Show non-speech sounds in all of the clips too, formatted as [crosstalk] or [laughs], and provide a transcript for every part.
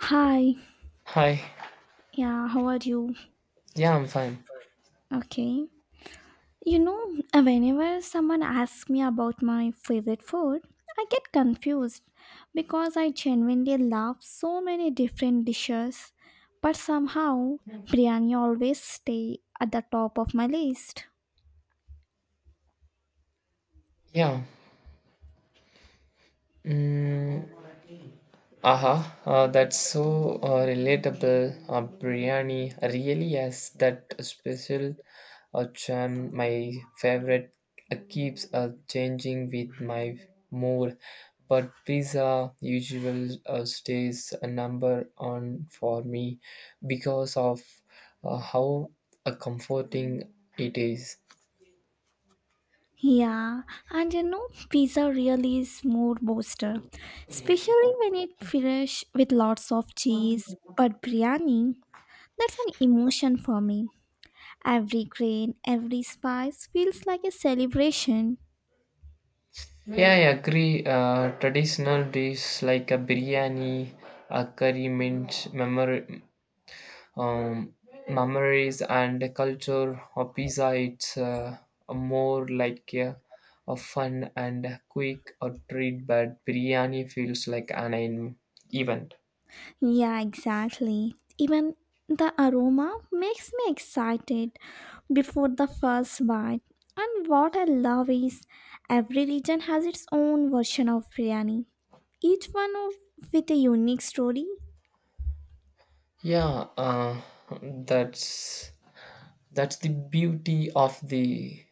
Hi, Hi. yeah, how are you? Yeah, I'm fine. Okay. Whenever someone asks me about my favorite food, I get confused because I genuinely love so many different dishes, but somehow biryani always stay at the top of my list. Yeah. Mm, aha. That's so relatable. Biryani really has that special charm. My favorite keeps changing with my mood, but pizza usually stays a number on for me because of how comforting it is. Yeah, and pizza really is mood booster, especially when it fresh with lots of cheese, but biryani, that's an emotion for me. Every grain, every spice feels like a celebration. Yeah, I agree. Traditional dishes like a biryani, a curry mint, memory, um, memories, and the culture of pizza. It's more like a fun and a quick a treat, but biryani feels like an event. Yeah, exactly. Even the aroma makes me excited before the first bite. And what I love is every region has its own version of biryani, each one with a unique story. Yeah, that's that's the beauty of the.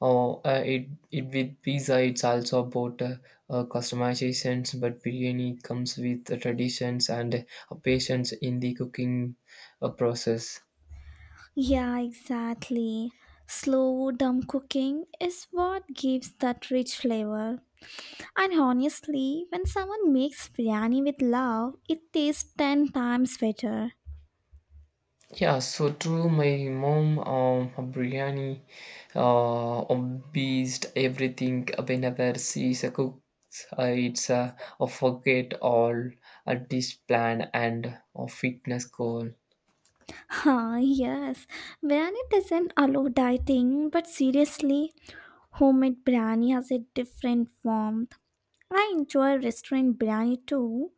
Oh, it with pizza, it's also about customizations, but biryani comes with the traditions and patience in the cooking process. Yeah, exactly. Slow, dumb cooking is what gives that rich flavor. And honestly, when someone makes biryani with love, it tastes 10 times better. Yeah, so true. My mom, biryani, uh, beast everything whenever she is a cook. It's a forget all a dish plan and a fitness goal. [laughs] Ah, yes, biryani doesn't allow dieting, but seriously, homemade biryani has a different warmth. I enjoy restaurant biryani too,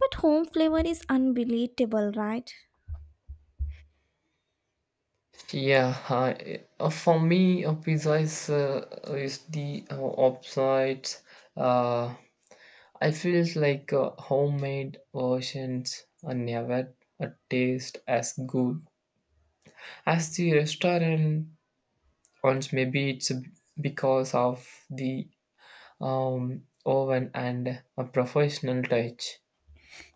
but home flavor is unbeatable, right? Yeah, hi. For me, a pizza is the opposite. Uh, I feel like homemade versions are never taste as good as the restaurant ones. Maybe it's because of the oven and a professional touch.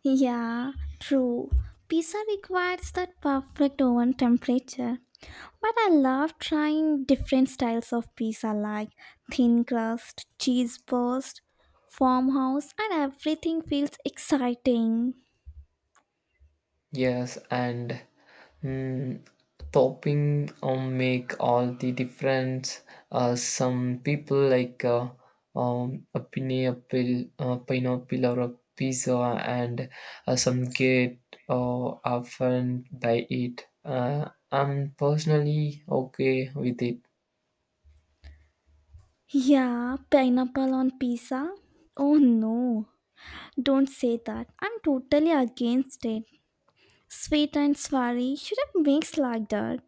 Yeah, true. Pizza requires that perfect oven temperature. But I love trying different styles of pizza like thin crust, cheese burst, farmhouse, and everything feels exciting. Yes, and mm, topping make all the difference. Some people like a pineapple or a pizza, and some get often by it. I'm personally okay with it. Yeah, pineapple on pizza? Oh no, don't say that. I'm totally against it. Sweet and savory shouldn't mix like that.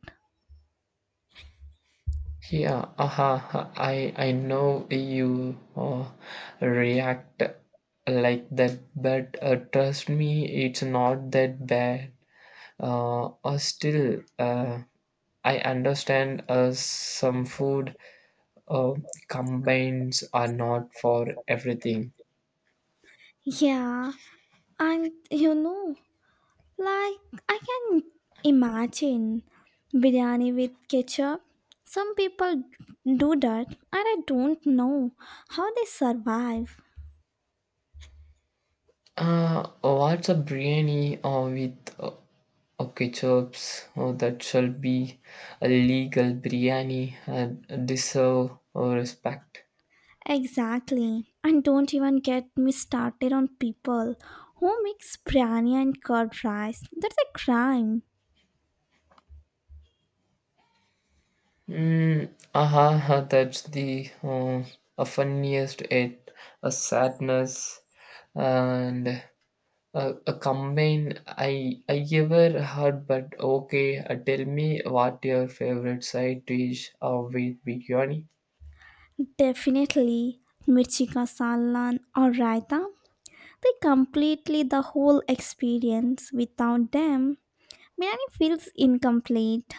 Yeah, I know you react like that, but trust me, it's not that bad. Still, I understand. Some food uh, combines are not for everything. Yeah, and like, I can imagine biryani with ketchup. Some people do that, and I don't know how they survive. What's a biryani with okay chops? Oh, that shall be a legal biryani. And deserve respect. Exactly. And don't even get me started on people who mix biryani and curd rice. That's a crime. Mm, aha, aha, that's the a funniest it a sadness and a combine I ever heard. But okay, tell me what your favorite side dish with biryani? Definitely. Mirchi ka salan or raita. They completely the whole experience. Without them, biryani feels incomplete.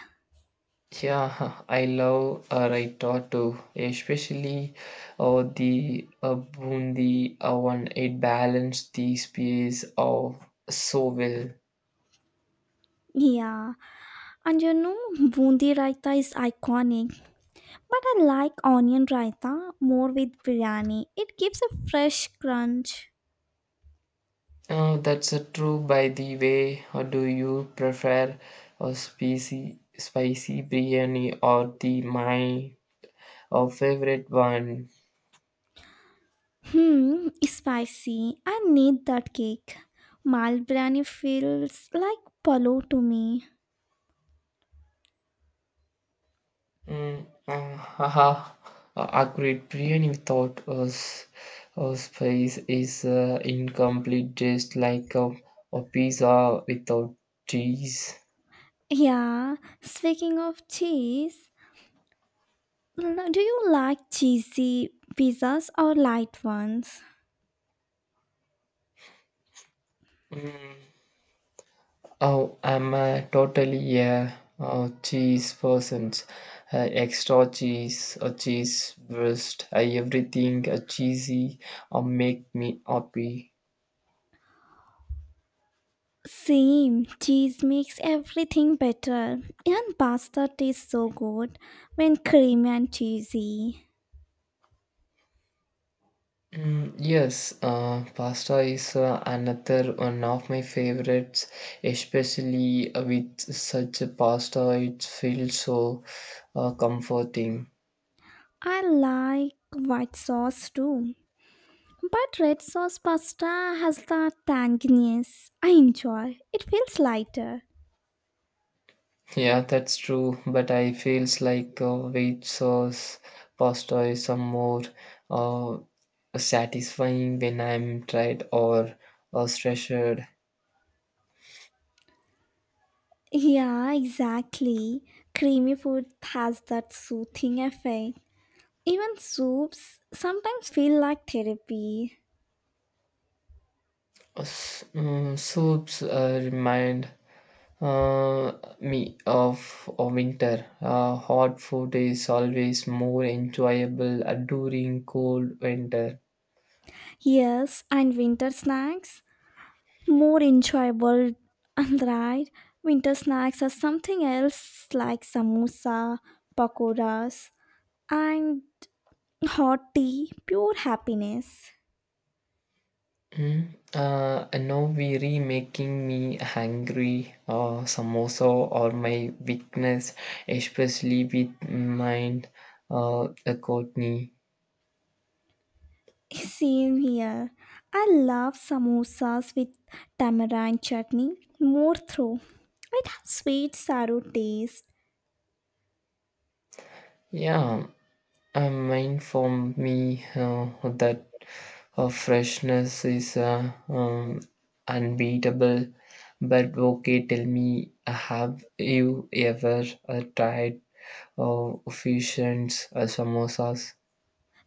Yeah, [laughs] I love raita too, especially the bundi one. It balances the space of so well. Yeah. And bundi raita is iconic, but I like onion raita more with biryani. It gives a fresh crunch. That's true. By the way, do you prefer a spicy, spicy biryani or the my favorite one? Hmm, spicy. I need that cake. Mal biryani feels like palo to me. Mm, haha. Agreed. Biryani without spice is incomplete, just like a pizza without cheese. Yeah, speaking of cheese, do you like cheesy pizzas or light ones? Mm, Oh, I'm totally a cheese person. Uh, Extra cheese, a cheese breast, everything cheesy make me happy. Same, cheese makes everything better. And pasta tastes so good when creamy and cheesy. Mm, yes, pasta is another one of my favorites, especially with such a pasta. It feels so comforting. I like white sauce too. But red sauce pasta has that tanginess I enjoy. It feels lighter. Yeah, that's true. But I feels like white sauce pasta is some more uh, satisfying when I'm tried or stretched. Yeah, exactly. Creamy food has that soothing effect. Even soups sometimes feel like therapy. Soups remind uh, me of winter. Hot food is always more enjoyable during cold winter. Yes, and winter snacks more enjoyable [laughs] and right, winter snacks are something else like samosa, pakoras, and hot tea, pure happiness. Now really making me hungry or samosa or my weakness, especially with mind. A Courtney. [laughs] Same here, I love samosas with tamarind chutney more through it has sweet sour taste. Yeah, mine for me uh, that freshness is unbeatable. But okay, tell me, have you ever tried fusions, samosas?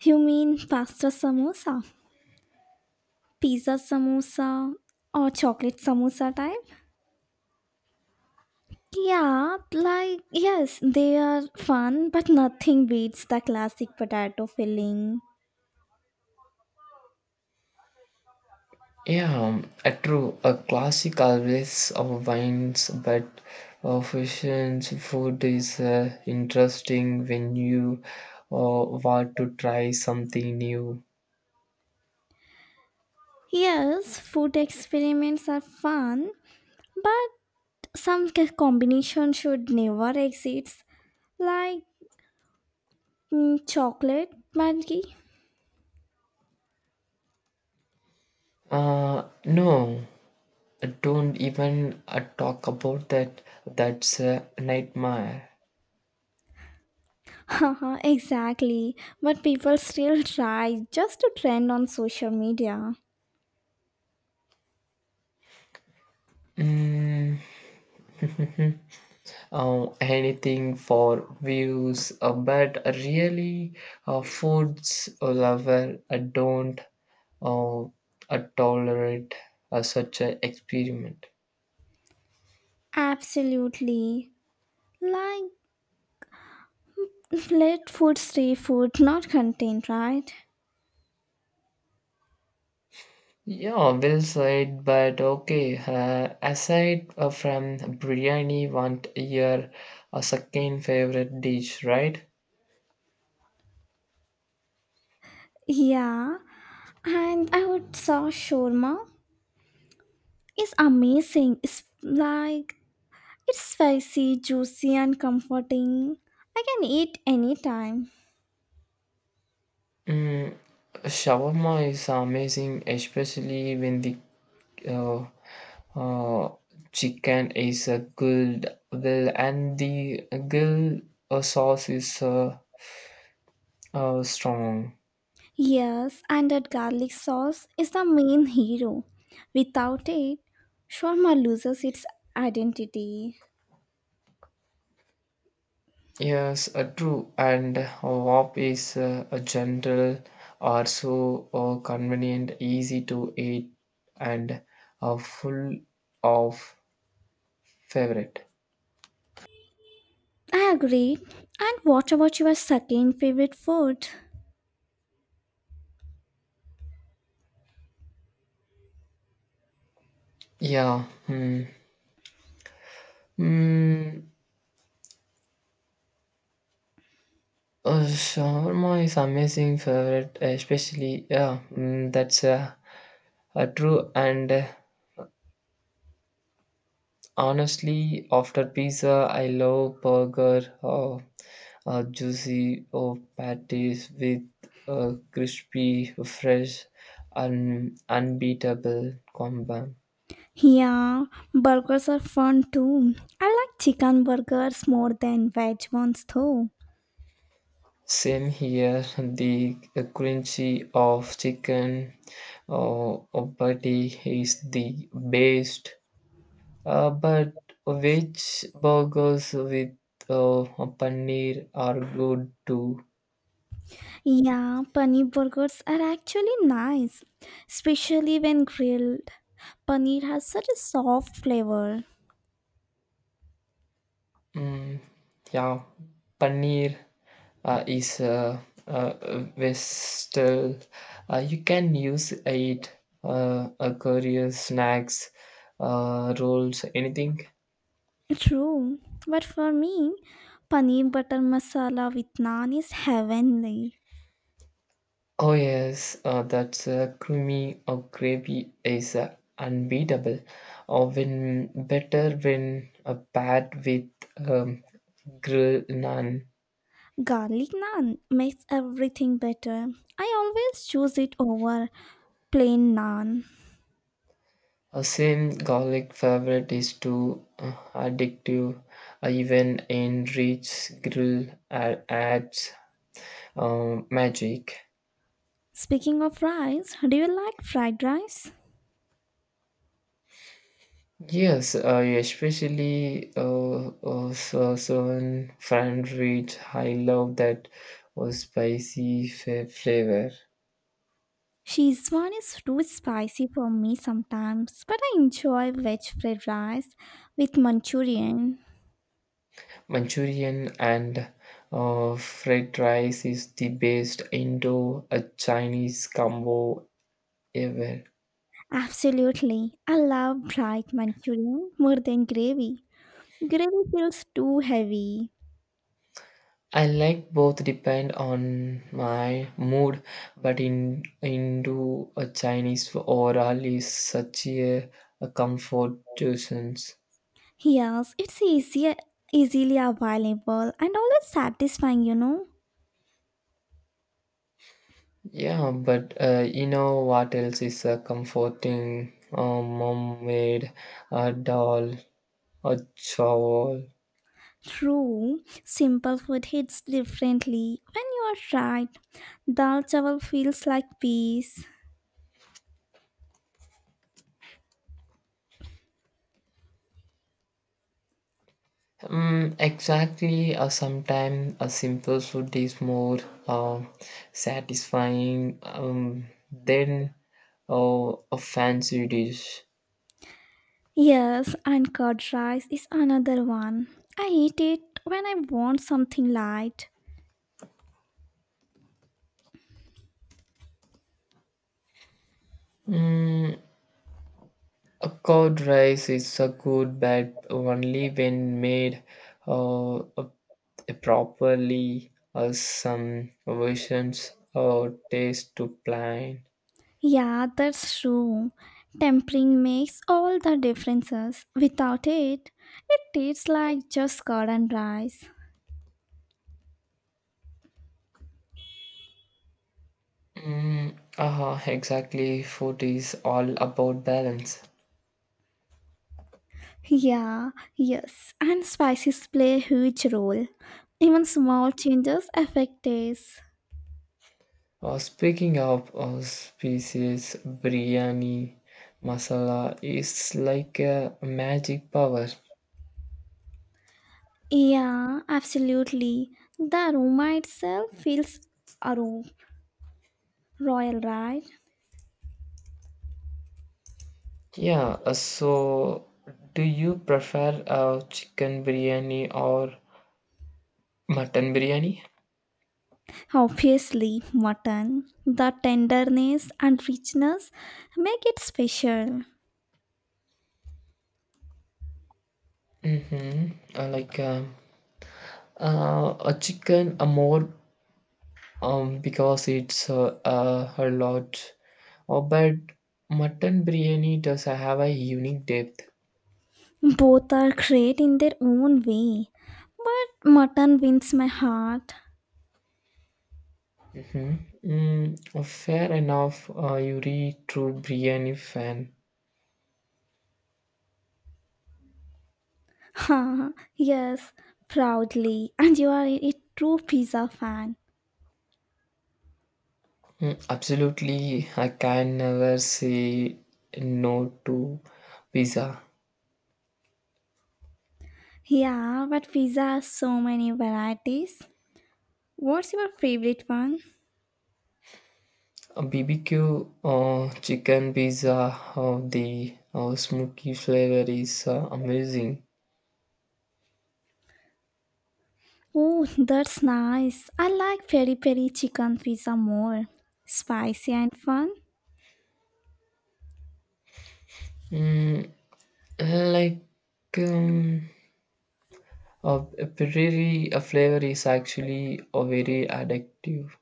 You mean pasta samosa, pizza samosa, or chocolate samosa type? Yeah, like, yes, they are fun, but nothing beats the classic potato filling. Yeah, true. A classic always wines, but fusion food is interesting when you want to try something new. Yes, food experiments are fun, but some combination should never exist, like chocolate monkey. No, don't even talk about that. That's a nightmare. [laughs] Haha, exactly, but people still try just to trend on social media. Mm. [laughs] Anything for views, but really, foods lover don't uh, uh, tolerate such an experiment. Absolutely. Like, [laughs] let food stay food, not content, right? Yeah, well said, but okay. Aside from biryani, want your a second favorite dish, right? Yeah, and I would say shawarma is amazing. It's like it's spicy, juicy, and comforting. I can eat anytime. Mm, shawarma is amazing, especially when the uh, Uh, chicken is a grilled well, and the grill sauce is strong. Yes, and that garlic sauce is the main hero. Without it, shawarma loses its identity. Yes, true. And wop is a gentle, also convenient, easy to eat, and full of favorite. I agree. And what about your second favorite food? Yeah. Hmm. Mm, Shawarma is amazing favorite, especially yeah. Mm, that's true and. Honestly, after pizza, I love burger, or juicy or patties with a crispy, fresh, and unbeatable combo. Yeah, burgers are fun too. I like chicken burgers more than veg ones though. Same here, [laughs] the crunchy of chicken or patty is the best, but which burgers with uh, paneer are good too? Yeah, paneer burgers are actually nice, especially when grilled. Paneer has such a soft flavor. Mm, yeah, paneer is uh, versatile. You can use it curries, snacks, rolls, anything. True, but for me, paneer butter masala with naan is heavenly. Oh yes, that's creamy or gravy is unbeatable. Or when better when paired with um, grilled naan. Garlic naan makes everything better. I always choose it over plain naan. A same garlic favorite is too addictive, even in rich grill adds magic. Speaking of rice, do you like fried rice? Yes, especially so fried rich. I love that spicy flavor. Szechuan is too spicy for me sometimes, but I enjoy veg fried rice with Manchurian. Manchurian and fried rice is the best Indo Chinese combo ever. Absolutely. I love bright Manchurian more than gravy. Gravy feels too heavy. I like both depend on my mood, but in Indo a Chinese oral is such a comfort tuitions. Yes, it's easier, easily available and always satisfying. Yeah, but you know what else is a comforting mom-made a doll, a shawl. True, simple food hits differently when you are right. Dal chawal feels like peace. Mm, exactly. Sometimes a simple food is more uh, satisfying than a fancy dish. Yes, and curd rice is another one. I eat it when I want something light. Mm, a curd rice is a good but only when made uh, uh, properly. Some versions taste too plain. Yeah, that's true. Tempering makes all the differences. Without it, it tastes like just curd and rice. Exactly. Food is all about balance. Yeah, yes, and spices play a huge role. Even small changes affect taste. Speaking of species, biryani masala is like a magic power. Yeah, absolutely. The aroma itself feels aro- royal, right? Yeah, so do you prefer chicken biryani or mutton biryani? Obviously, mutton. The tenderness and richness make it special. Mm-hmm. Like a chicken, a more because it's a lot. Oh, but mutton biryani does have a unique depth. Both are great in their own way, but mutton wins my heart. Mm-hmm. Fair enough. You read true biryani fan. Ha! Yes, proudly. And you are a true pizza fan. Mm, absolutely, I can never say no to pizza. Yeah, but pizza has so many varieties. What's your favorite one? A BBQ chicken pizza, the smoky flavor is amazing. Oh, that's nice. I like peri peri chicken pizza more. Spicy and fun. Mm, like um, a prairie a flavor is actually a very addictive.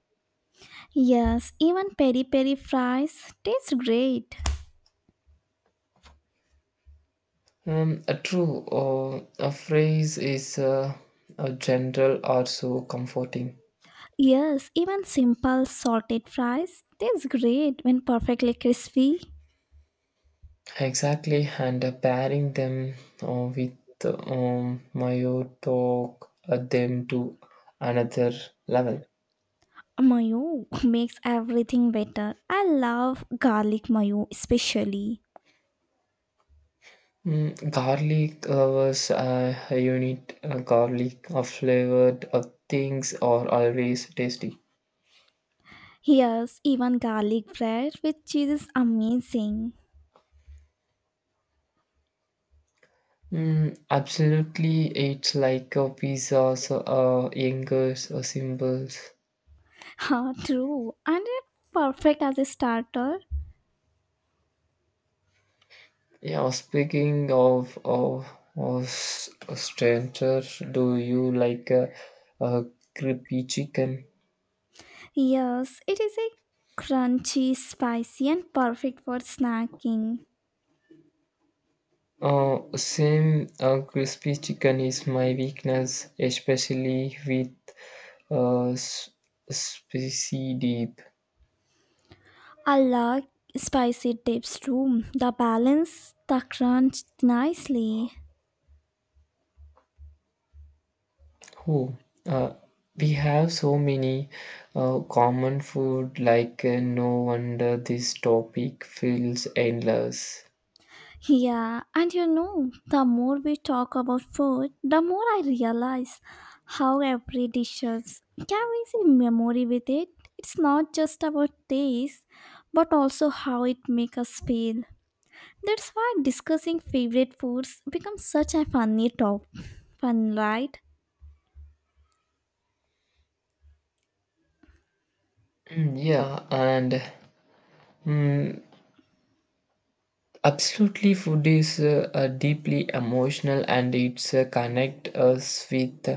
Yes, even peri peri fries taste great. A true a phrase is a general or so comforting. Yes, even simple salted fries taste great when perfectly crispy. Exactly, and pairing them with mayo talk them to another level. Mayo [laughs] makes everything better. I love garlic mayo especially. Mm, garlic was a unit. Garlic or flavored things are always tasty. Yes, even garlic bread with cheese is amazing. Mm, absolutely, it's like a pizzas, angers, or symbols. Ha, true. And it perfect as a starter. Yeah, speaking of stranger, do you like a crispy chicken? Yes, it is a crunchy, spicy and perfect for snacking. Same crispy chicken is my weakness, especially with uh, s- spicy deep. I like spicy dips too. The balance the crunch nicely. Oh, uh, we have so many common food, like no wonder this topic feels endless. Yeah, and the more we talk about food, the more I realize how every dishes carries a memory with it. It's not just about taste, but also how it makes us feel. That's why discussing favorite foods becomes such a funny top. Fun, right? Mm, yeah, and mm, absolutely, food is deeply emotional and it's connect us with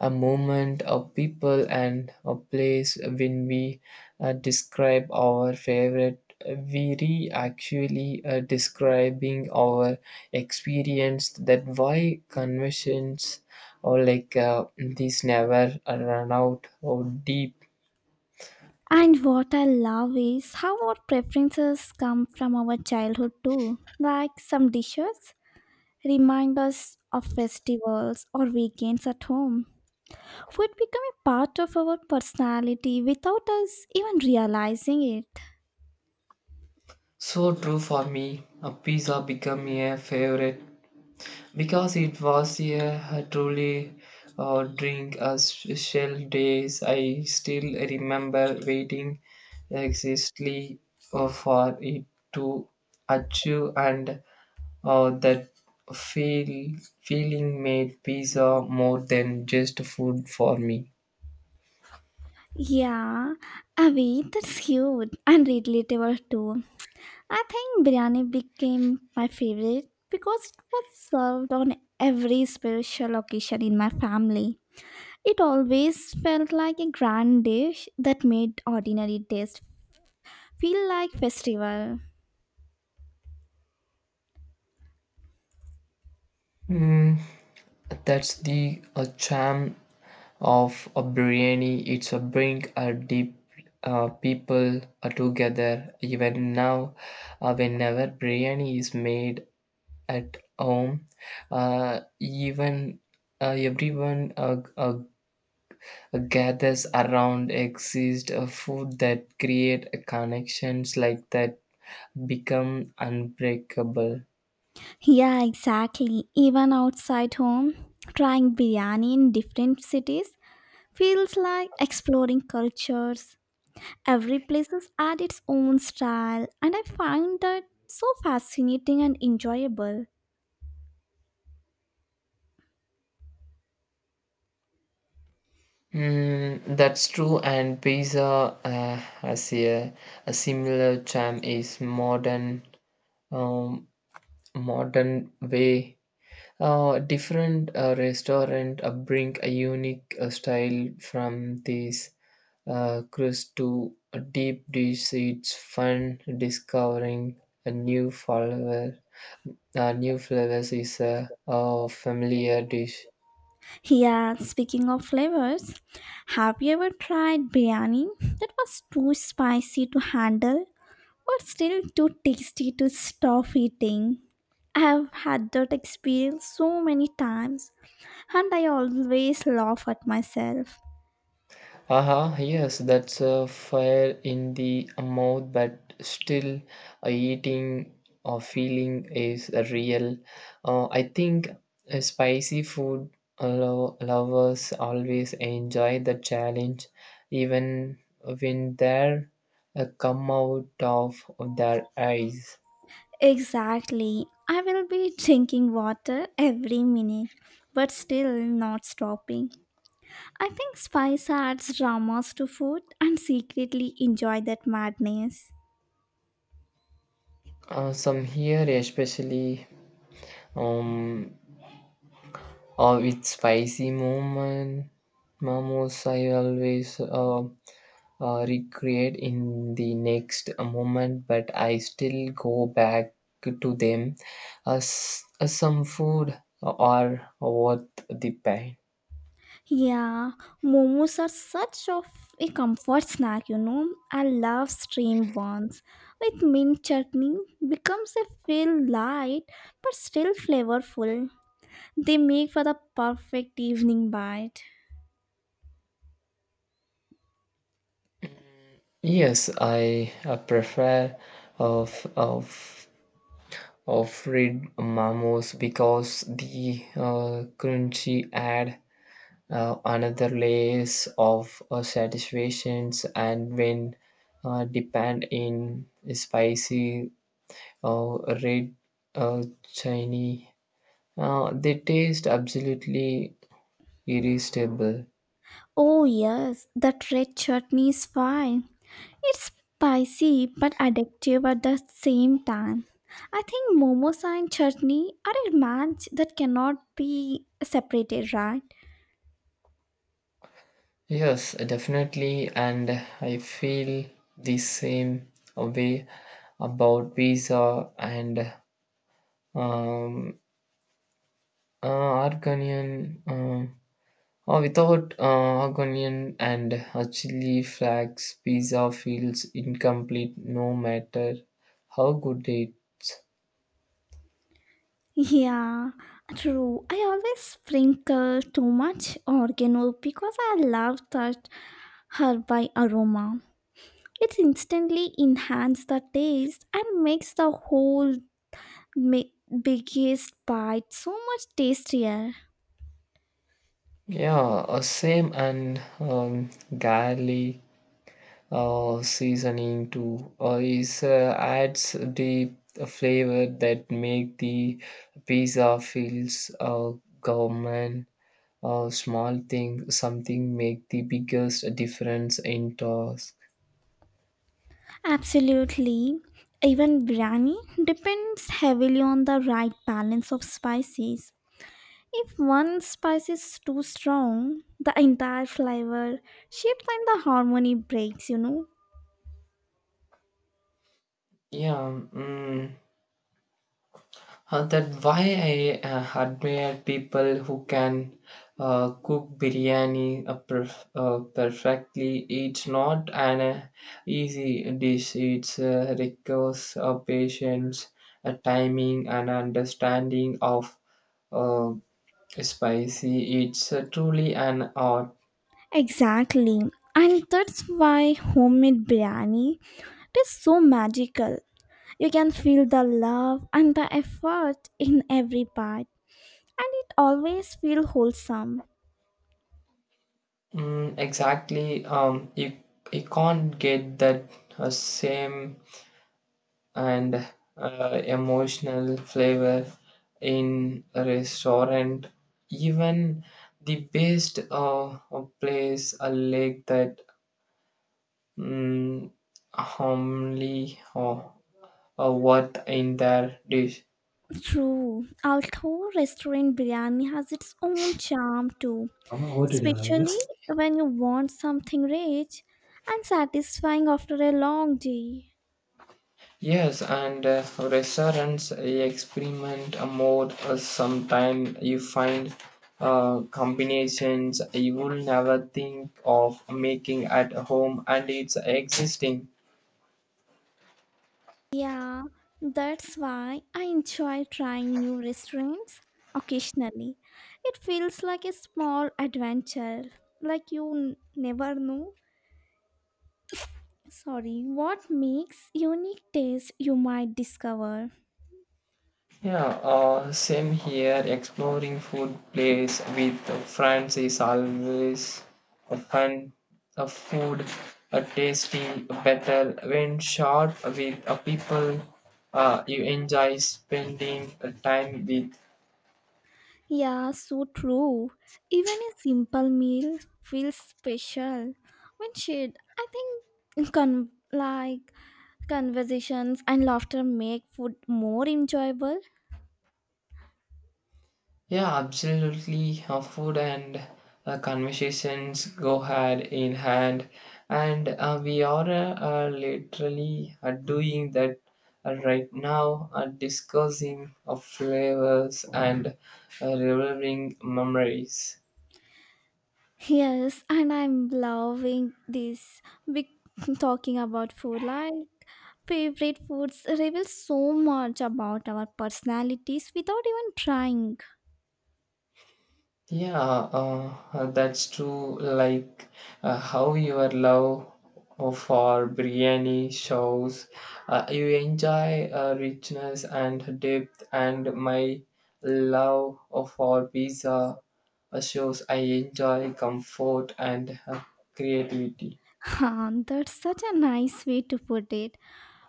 a moment of people and a place. When we describe our favorite, we re actually describing our experience. That why conversations or like these never run out or deep. And what I love is how our preferences come from our childhood too. Like some dishes remind us of festivals or weekends at home. Food become a part of our personality without us even realizing it. So true for me. A pizza become a favorite because it was a truly drink a special days I still remember waiting exactly for it to achieve and that feeling made pizza more than just food for me. Yeah, Avi, that's cute and relatable too. I think biryani became my favorite because it was served on every special occasion in my family. It always felt like a grand dish that made ordinary taste feel like festival. Mm, That's the charm of a biryani. It's a bring a deep people together. Even now, whenever biryani is made at home, even everyone gathers around exist a food that create a connections like that become unbreakable. Yeah, exactly. Even outside home, trying biryani in different cities feels like exploring cultures. Every place has its own style, and I find that so fascinating and enjoyable. Mm, that's true, and pizza has a similar charm is modern um, modern way. Different restaurant bring a unique style from these crust to a deep dish. It's fun discovering a new flavor. New flavors is a familiar dish. Yeah, speaking of flavors, have you ever tried biryani that was too spicy to handle, but still too tasty to stop eating? I have had that experience so many times, and I always laugh at myself. Aha, yes, that's a fire in the mouth, but still eating or feeling is a real. I think spicy food lovers always enjoy the challenge, even when they're come out of their eyes. Exactly, I will be drinking water every minute, but still not stopping. I think spice adds dramas to food and secretly enjoy that madness. Some here, especially um, with spicy moment, momos, I always. Recreate in the next moment, but I still go back to them as some food are worth the pain. Yeah, momos are such of a comfort snack. I love steamed ones. With mint chutney becomes a feel light but still flavorful. They make for the perfect evening bite. Yes, I prefer of of of fried mamos because the crunchy add another layers of satisfactions and when depend in spicy uh, red, shiny. They taste absolutely irresistible. Oh yes, that red chutney is fine. It's spicy but addictive at the same time. I think momos and chutney are a match that cannot be separated, right? Yes, definitely, and I feel the same way about pizza and um, argonian. Without argonian and a chili flakes, pizza feels incomplete no matter how good it's. Yeah, true. I always sprinkle too much oregano because I love that herby aroma. It instantly enhances the taste and makes the whole ma- biggest bite so much tastier. Yeah, same and garlic seasoning too is adds the flavor that make the pizza feels gourmet. Small thing something make the biggest difference in toss. Absolutely. Even biryani depends heavily on the right balance of spices. If one spice is too strong, the entire flavor shifts and the harmony breaks. Yeah, mm, that why I admire people who can cook biryani perfectly. It's not an easy dish. It requires patience, timing, and understanding of uh, spicy. It's truly an art. Exactly. And that's why homemade biryani it is so magical. You can feel the love and the effort in every bite, and it always feels wholesome. Mm, exactly. You can't get that same and emotional flavor in a restaurant. Even the best place, a lake that mm, only worth in their dish. True. Although restaurant biryani has its own charm too, Amma, what? especially when you want something rich and satisfying after a long day. Yes, and restaurants experiment more, sometime you find combinations you will never think of making at home and it's existing. Yeah, that's why I enjoy trying new restaurants occasionally. It feels like a small adventure, like you never know. Sorry, what makes unique taste you might discover? Yeah, same here. Exploring food place with friends is always a fun. A food, a tasting better when shared with a people. You enjoy spending time with. Yeah, so true. Even a simple meal feels special when shared. I think like conversations and laughter make food more enjoyable. Yeah, absolutely. Food and conversations go hand in hand, and we are literally doing that right now, discussing of flavors and reviving memories. Yes, and I'm loving this. Big [laughs] talking about food, like favorite foods reveal so much about our personalities without even trying. [laughs] Yeah, that's true. Like how your love for biryani shows you enjoy richness and depth, and my love for pizza shows I enjoy comfort and creativity. Huh, that's such a nice way to put it.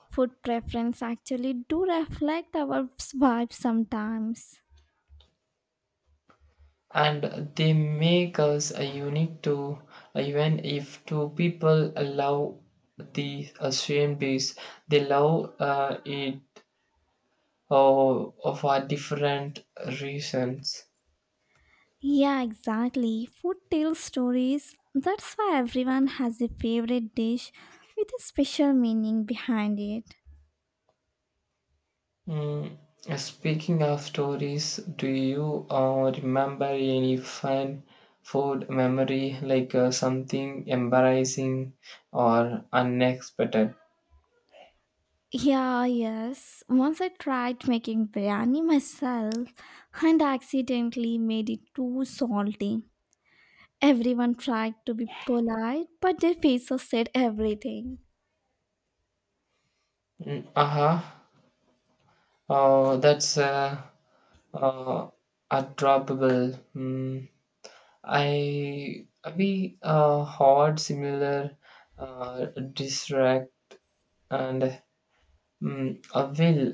Food preference actually do reflect our vibe sometimes. And they make us unique too, even if two people love the same dish, they love it, oh, for different reasons. Yeah, exactly. Food tells stories. That's why everyone has a favorite dish with a special meaning behind it. Mm, speaking of stories, do you remember any fun food memory, like something embarrassing or unexpected? Yeah, yes. Once I tried making biryani myself and accidentally made it too salty. Everyone tried to be polite, but their faces said everything. Mm, uh-huh. Oh, that's uh, adorable. Mm, I we had similar uh, distract and mm, well,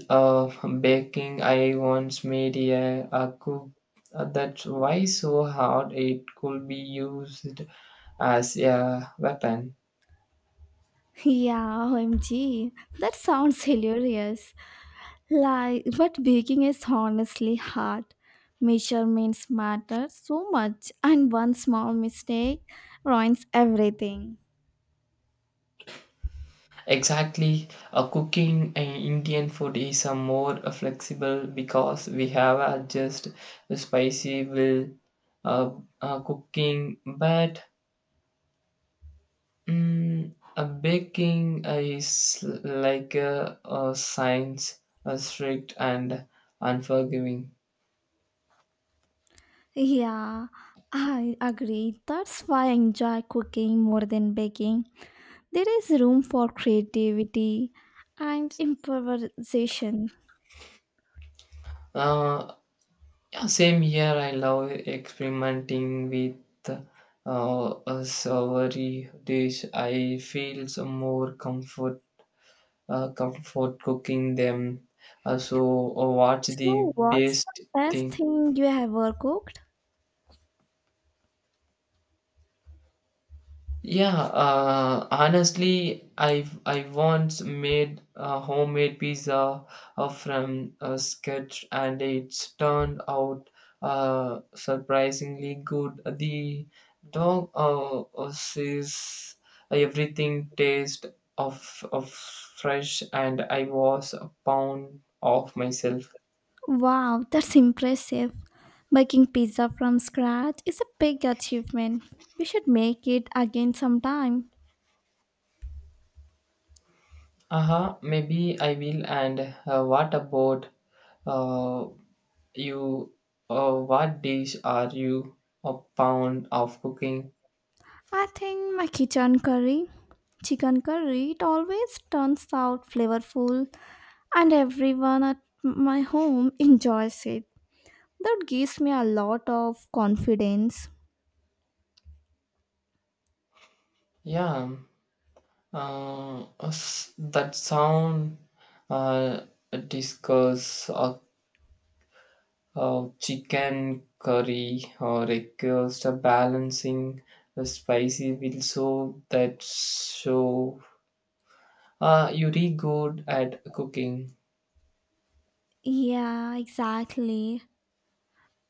baking, I once made a cook that was so hard it could be used as a weapon. Yeah, OMG. That sounds hilarious. Like, but baking is honestly hard. Measurements matter so much, and one small mistake ruins everything. Exactly, cooking Indian food is a more flexible because we have adjust the spicy will uh, cooking, but mm, a baking is like a science, a strict and unforgiving. Yeah, I agree. That's why I enjoy cooking more than baking. There is room for creativity and improvisation. Uh, yeah, same here. I love experimenting with a savory dish. I feel some more comfort, comfort cooking them. So, what's the So, what's the best best thing? thing you ever cooked? Yeah, honestly, I once made a homemade pizza from a sketch, and it's turned out surprisingly good. The dog says everything tastes of fresh, and I was a pound off myself. Wow, that's impressive. Making pizza from scratch is a big achievement. We should make it again sometime. Uh huh. Maybe I will. And what about uh, you, what dish are you a pound of cooking? I think my kitchen curry, chicken curry, it always turns out flavorful and everyone at my home enjoys it. That gives me a lot of confidence. Yeah, that sound uh, discuss, chicken curry or requires a balancing the spicy will so that show you really good at cooking. Yeah, exactly.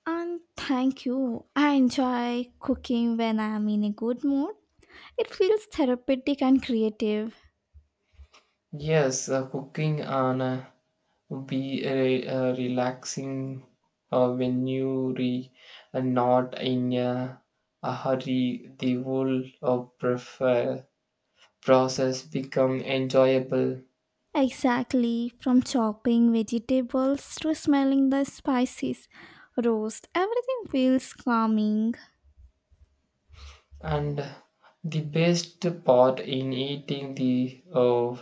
And thank you. I enjoy cooking when I'm in a good mood. It feels therapeutic and creative. Yes, cooking on a be a relaxing when you re not in a hurry the whole of prefer process become enjoyable, Exactly, from chopping vegetables to smelling the spices, roast, everything feels calming. and the best part in eating the uh,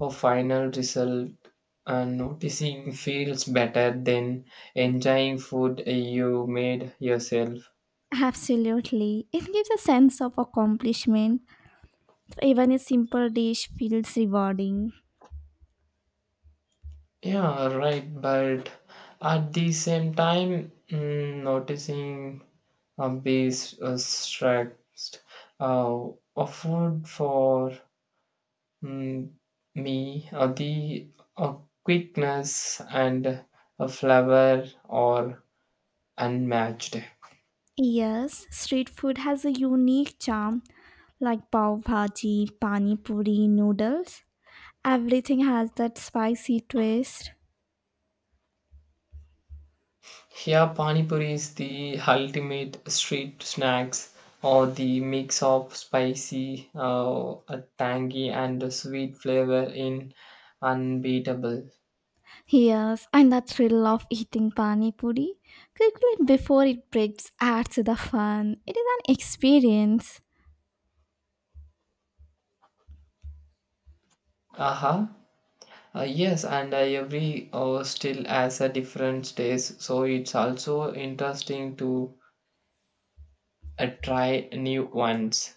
uh, final result and noticing feels better than enjoying food you made yourself. Absolutely, it gives a sense of accomplishment. Even a simple dish feels rewarding. Yeah, right. But at the same time, mm, noticing bees stressed uh, a for mm, me the uh, quickness and flavor are unmatched. Yes, street food has a unique charm like pav bhaji, pani puri, noodles. Everything has that spicy twist. Here, Pani Puri is the ultimate street snacks or the mix of spicy, a tangy, and a sweet flavor in unbeatable. Yes, and the thrill of eating pani puri quickly before it breaks adds to the fun. It is an experience. Aha. Yes, and every still has a different taste, so it's also interesting to try new ones.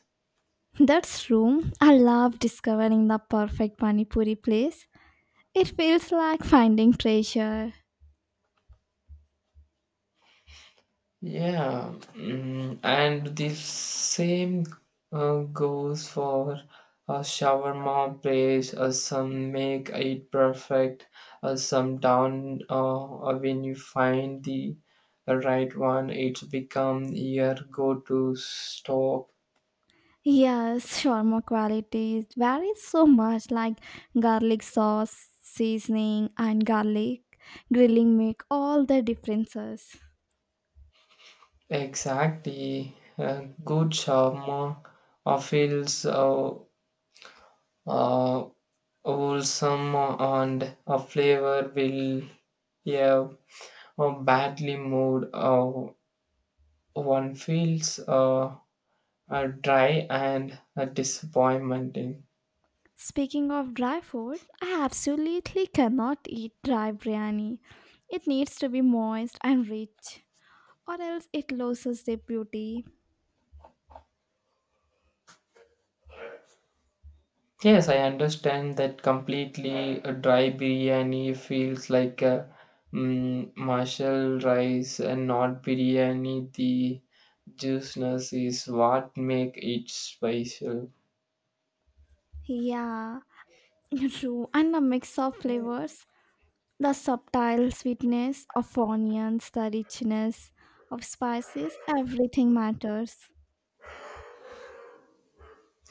That's true. I love discovering the perfect pani puri place. It feels like finding treasure. Yeah, mm, and the same goes for a shawarma place. Some make it perfect. Some down when you find the right one, it's become your go-to stop. Yes, shawarma quality varies so much like garlic sauce, seasoning, and garlic grilling make all the differences. Exactly, good shawarma feels uh, wholesome and a flavor will, yeah, badly moved, one feels dry and disappointing. Speaking of dry food, I absolutely cannot eat dry biryani. It needs to be moist and rich, or else it loses their beauty. Yes, I understand that completely. A dry biryani feels like a mm, martial rice and not biryani. The juiciness is what make it special. Yeah, true. And a mix of flavors the subtle sweetness of onions, the richness of spices, everything matters.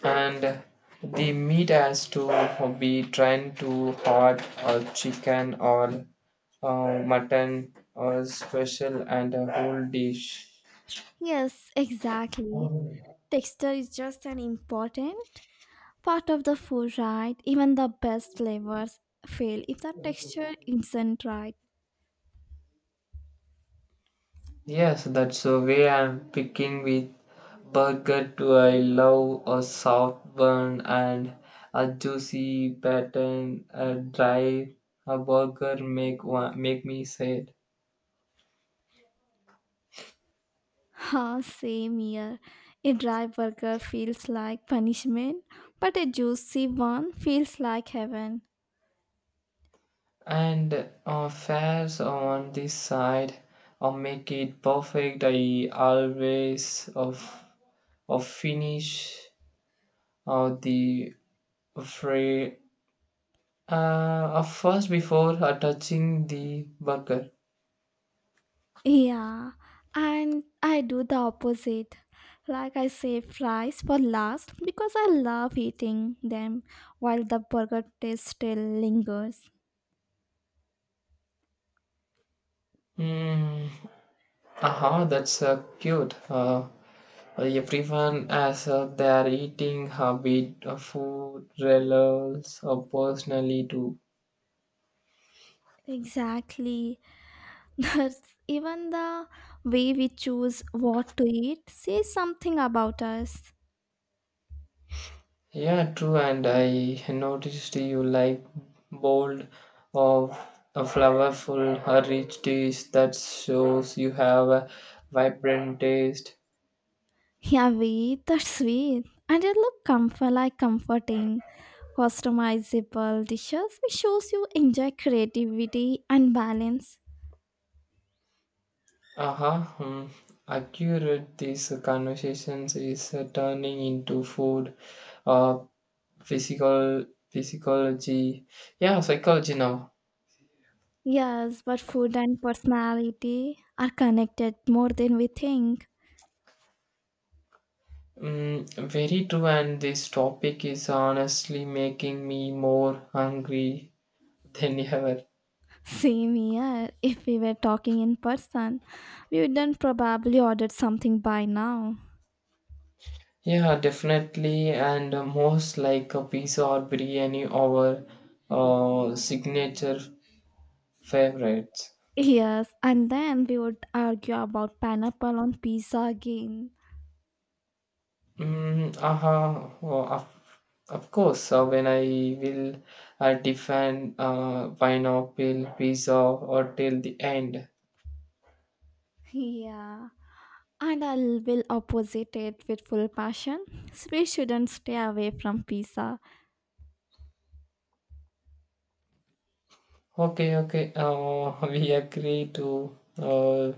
And the meat has to be trying to hot or chicken or mutton or special and a whole dish. Yes, exactly. Texture is just an important part of the food, right? Even the best flavors fail if the texture isn't right. Yes, that's the way I'm picking with burger too. I love a soft bun and a juicy pattern. A dry a burger make one, make me sad. Ha, same here. A dry burger feels like punishment, but a juicy one feels like heaven. And fares on this side or make it perfect. I always of finish or the fry of first before touching the burger. Yeah, and I do the opposite. Like I save fries for last because I love eating them while the burger taste still lingers. Mm, aha, that's cute. Everyone has their eating habit, food, relates, or personally too. Exactly. That's even the way we choose what to eat says something about us. Yeah, true. And I noticed you like bold or a flavorful, rich dish that shows you have a vibrant taste. Yeah, we eat sweet. And it look comfort like comforting, customizable dishes which shows you enjoy creativity and balance. Aha, hmm. Accurate. These conversations is turning into food, uh, physiology, yeah, psychology now. Yes, but food and personality are connected more than we think. Mm, very true, and this topic is honestly making me more hungry [laughs] than ever. Same here. If we were talking in person, we wouldn't probably ordered something by now. Yeah, definitely, and most like a pizza or biryani, our signature favorites. Yes, and then we would argue about pineapple on pizza again. Mm, aha, oh, of course, when I will define pineapple, pizza, or till the end. Yeah, and I will opposite it with full passion. So we shouldn't stay away from pizza. Okay, okay, [laughs] we agree to uh,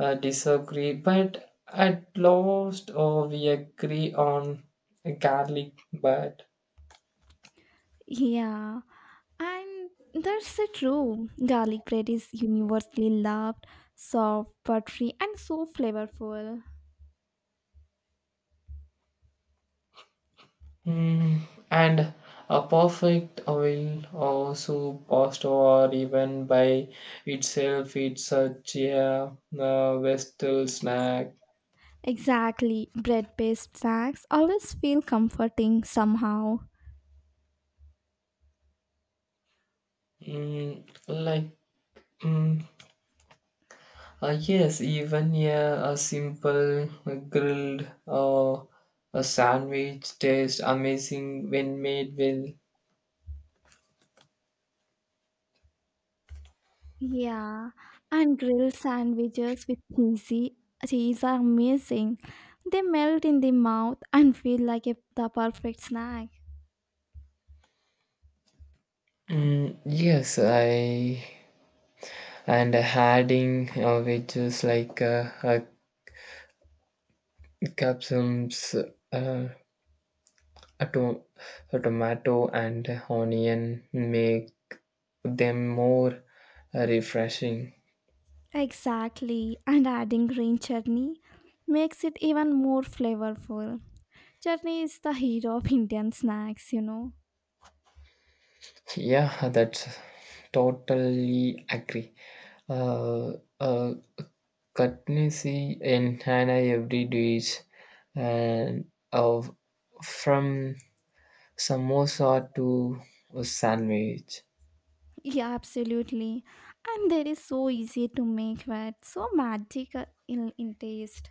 uh, disagree, but at last we agree on garlic, but Yeah, and that's the true. Garlic bread is universally loved, soft, buttery, and so flavorful. mm, and a perfect oil or soup pasta or even by itself it's such a western snack. Exactly, bread based snacks always feel comforting somehow. Mm, like mm, yes, even yeah, a simple grilled a sandwich tastes amazing when made well. Yeah, and grilled sandwiches with cheesy cheese are amazing. They melt in the mouth and feel like the perfect snack. Mm, yes, I and adding which is like capsules, uh, A, to- a tomato and onion make them more refreshing. Exactly, and adding green chutney makes it even more flavorful. Chutney is the hero of Indian snacks. Yeah, that's totally agree. Uh, uh, cutnessy in Hana every dish and of from samosa to a sandwich. Yeah, absolutely. And they are so easy to make, but so magical in taste.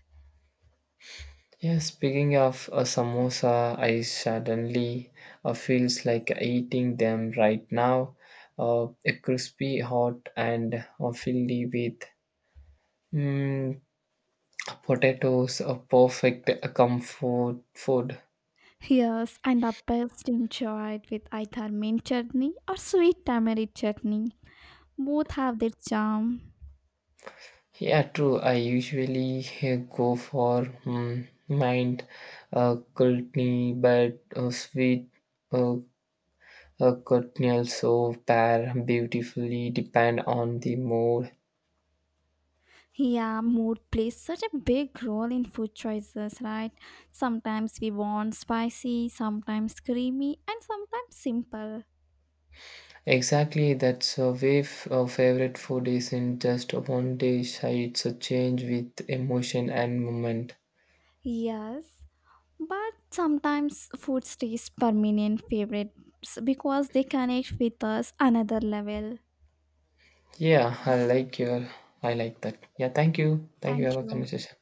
Yeah, speaking of a samosa, I suddenly feels like eating them right now. A crispy, hot, and filled with mm, potatoes, a perfect comfort food. Yes, and are best enjoyed with either mint chutney or sweet tamarind chutney. Both have their charm. Yeah, true. I usually go for mm, mind kulni, but sweet uh, kulni also pair beautifully depend on the mood. Yeah, mood plays such a big role in food choices, right? Sometimes we want spicy, sometimes creamy, and sometimes simple. Exactly, that's a way a favorite food isn't just one dish, it's a change with emotion and moment. Yes, but sometimes food stays permanent favorites because they connect with us another level. Yeah, Um, I like your, I like that. Yeah, thank you. Thank you for Thank our you. conversation.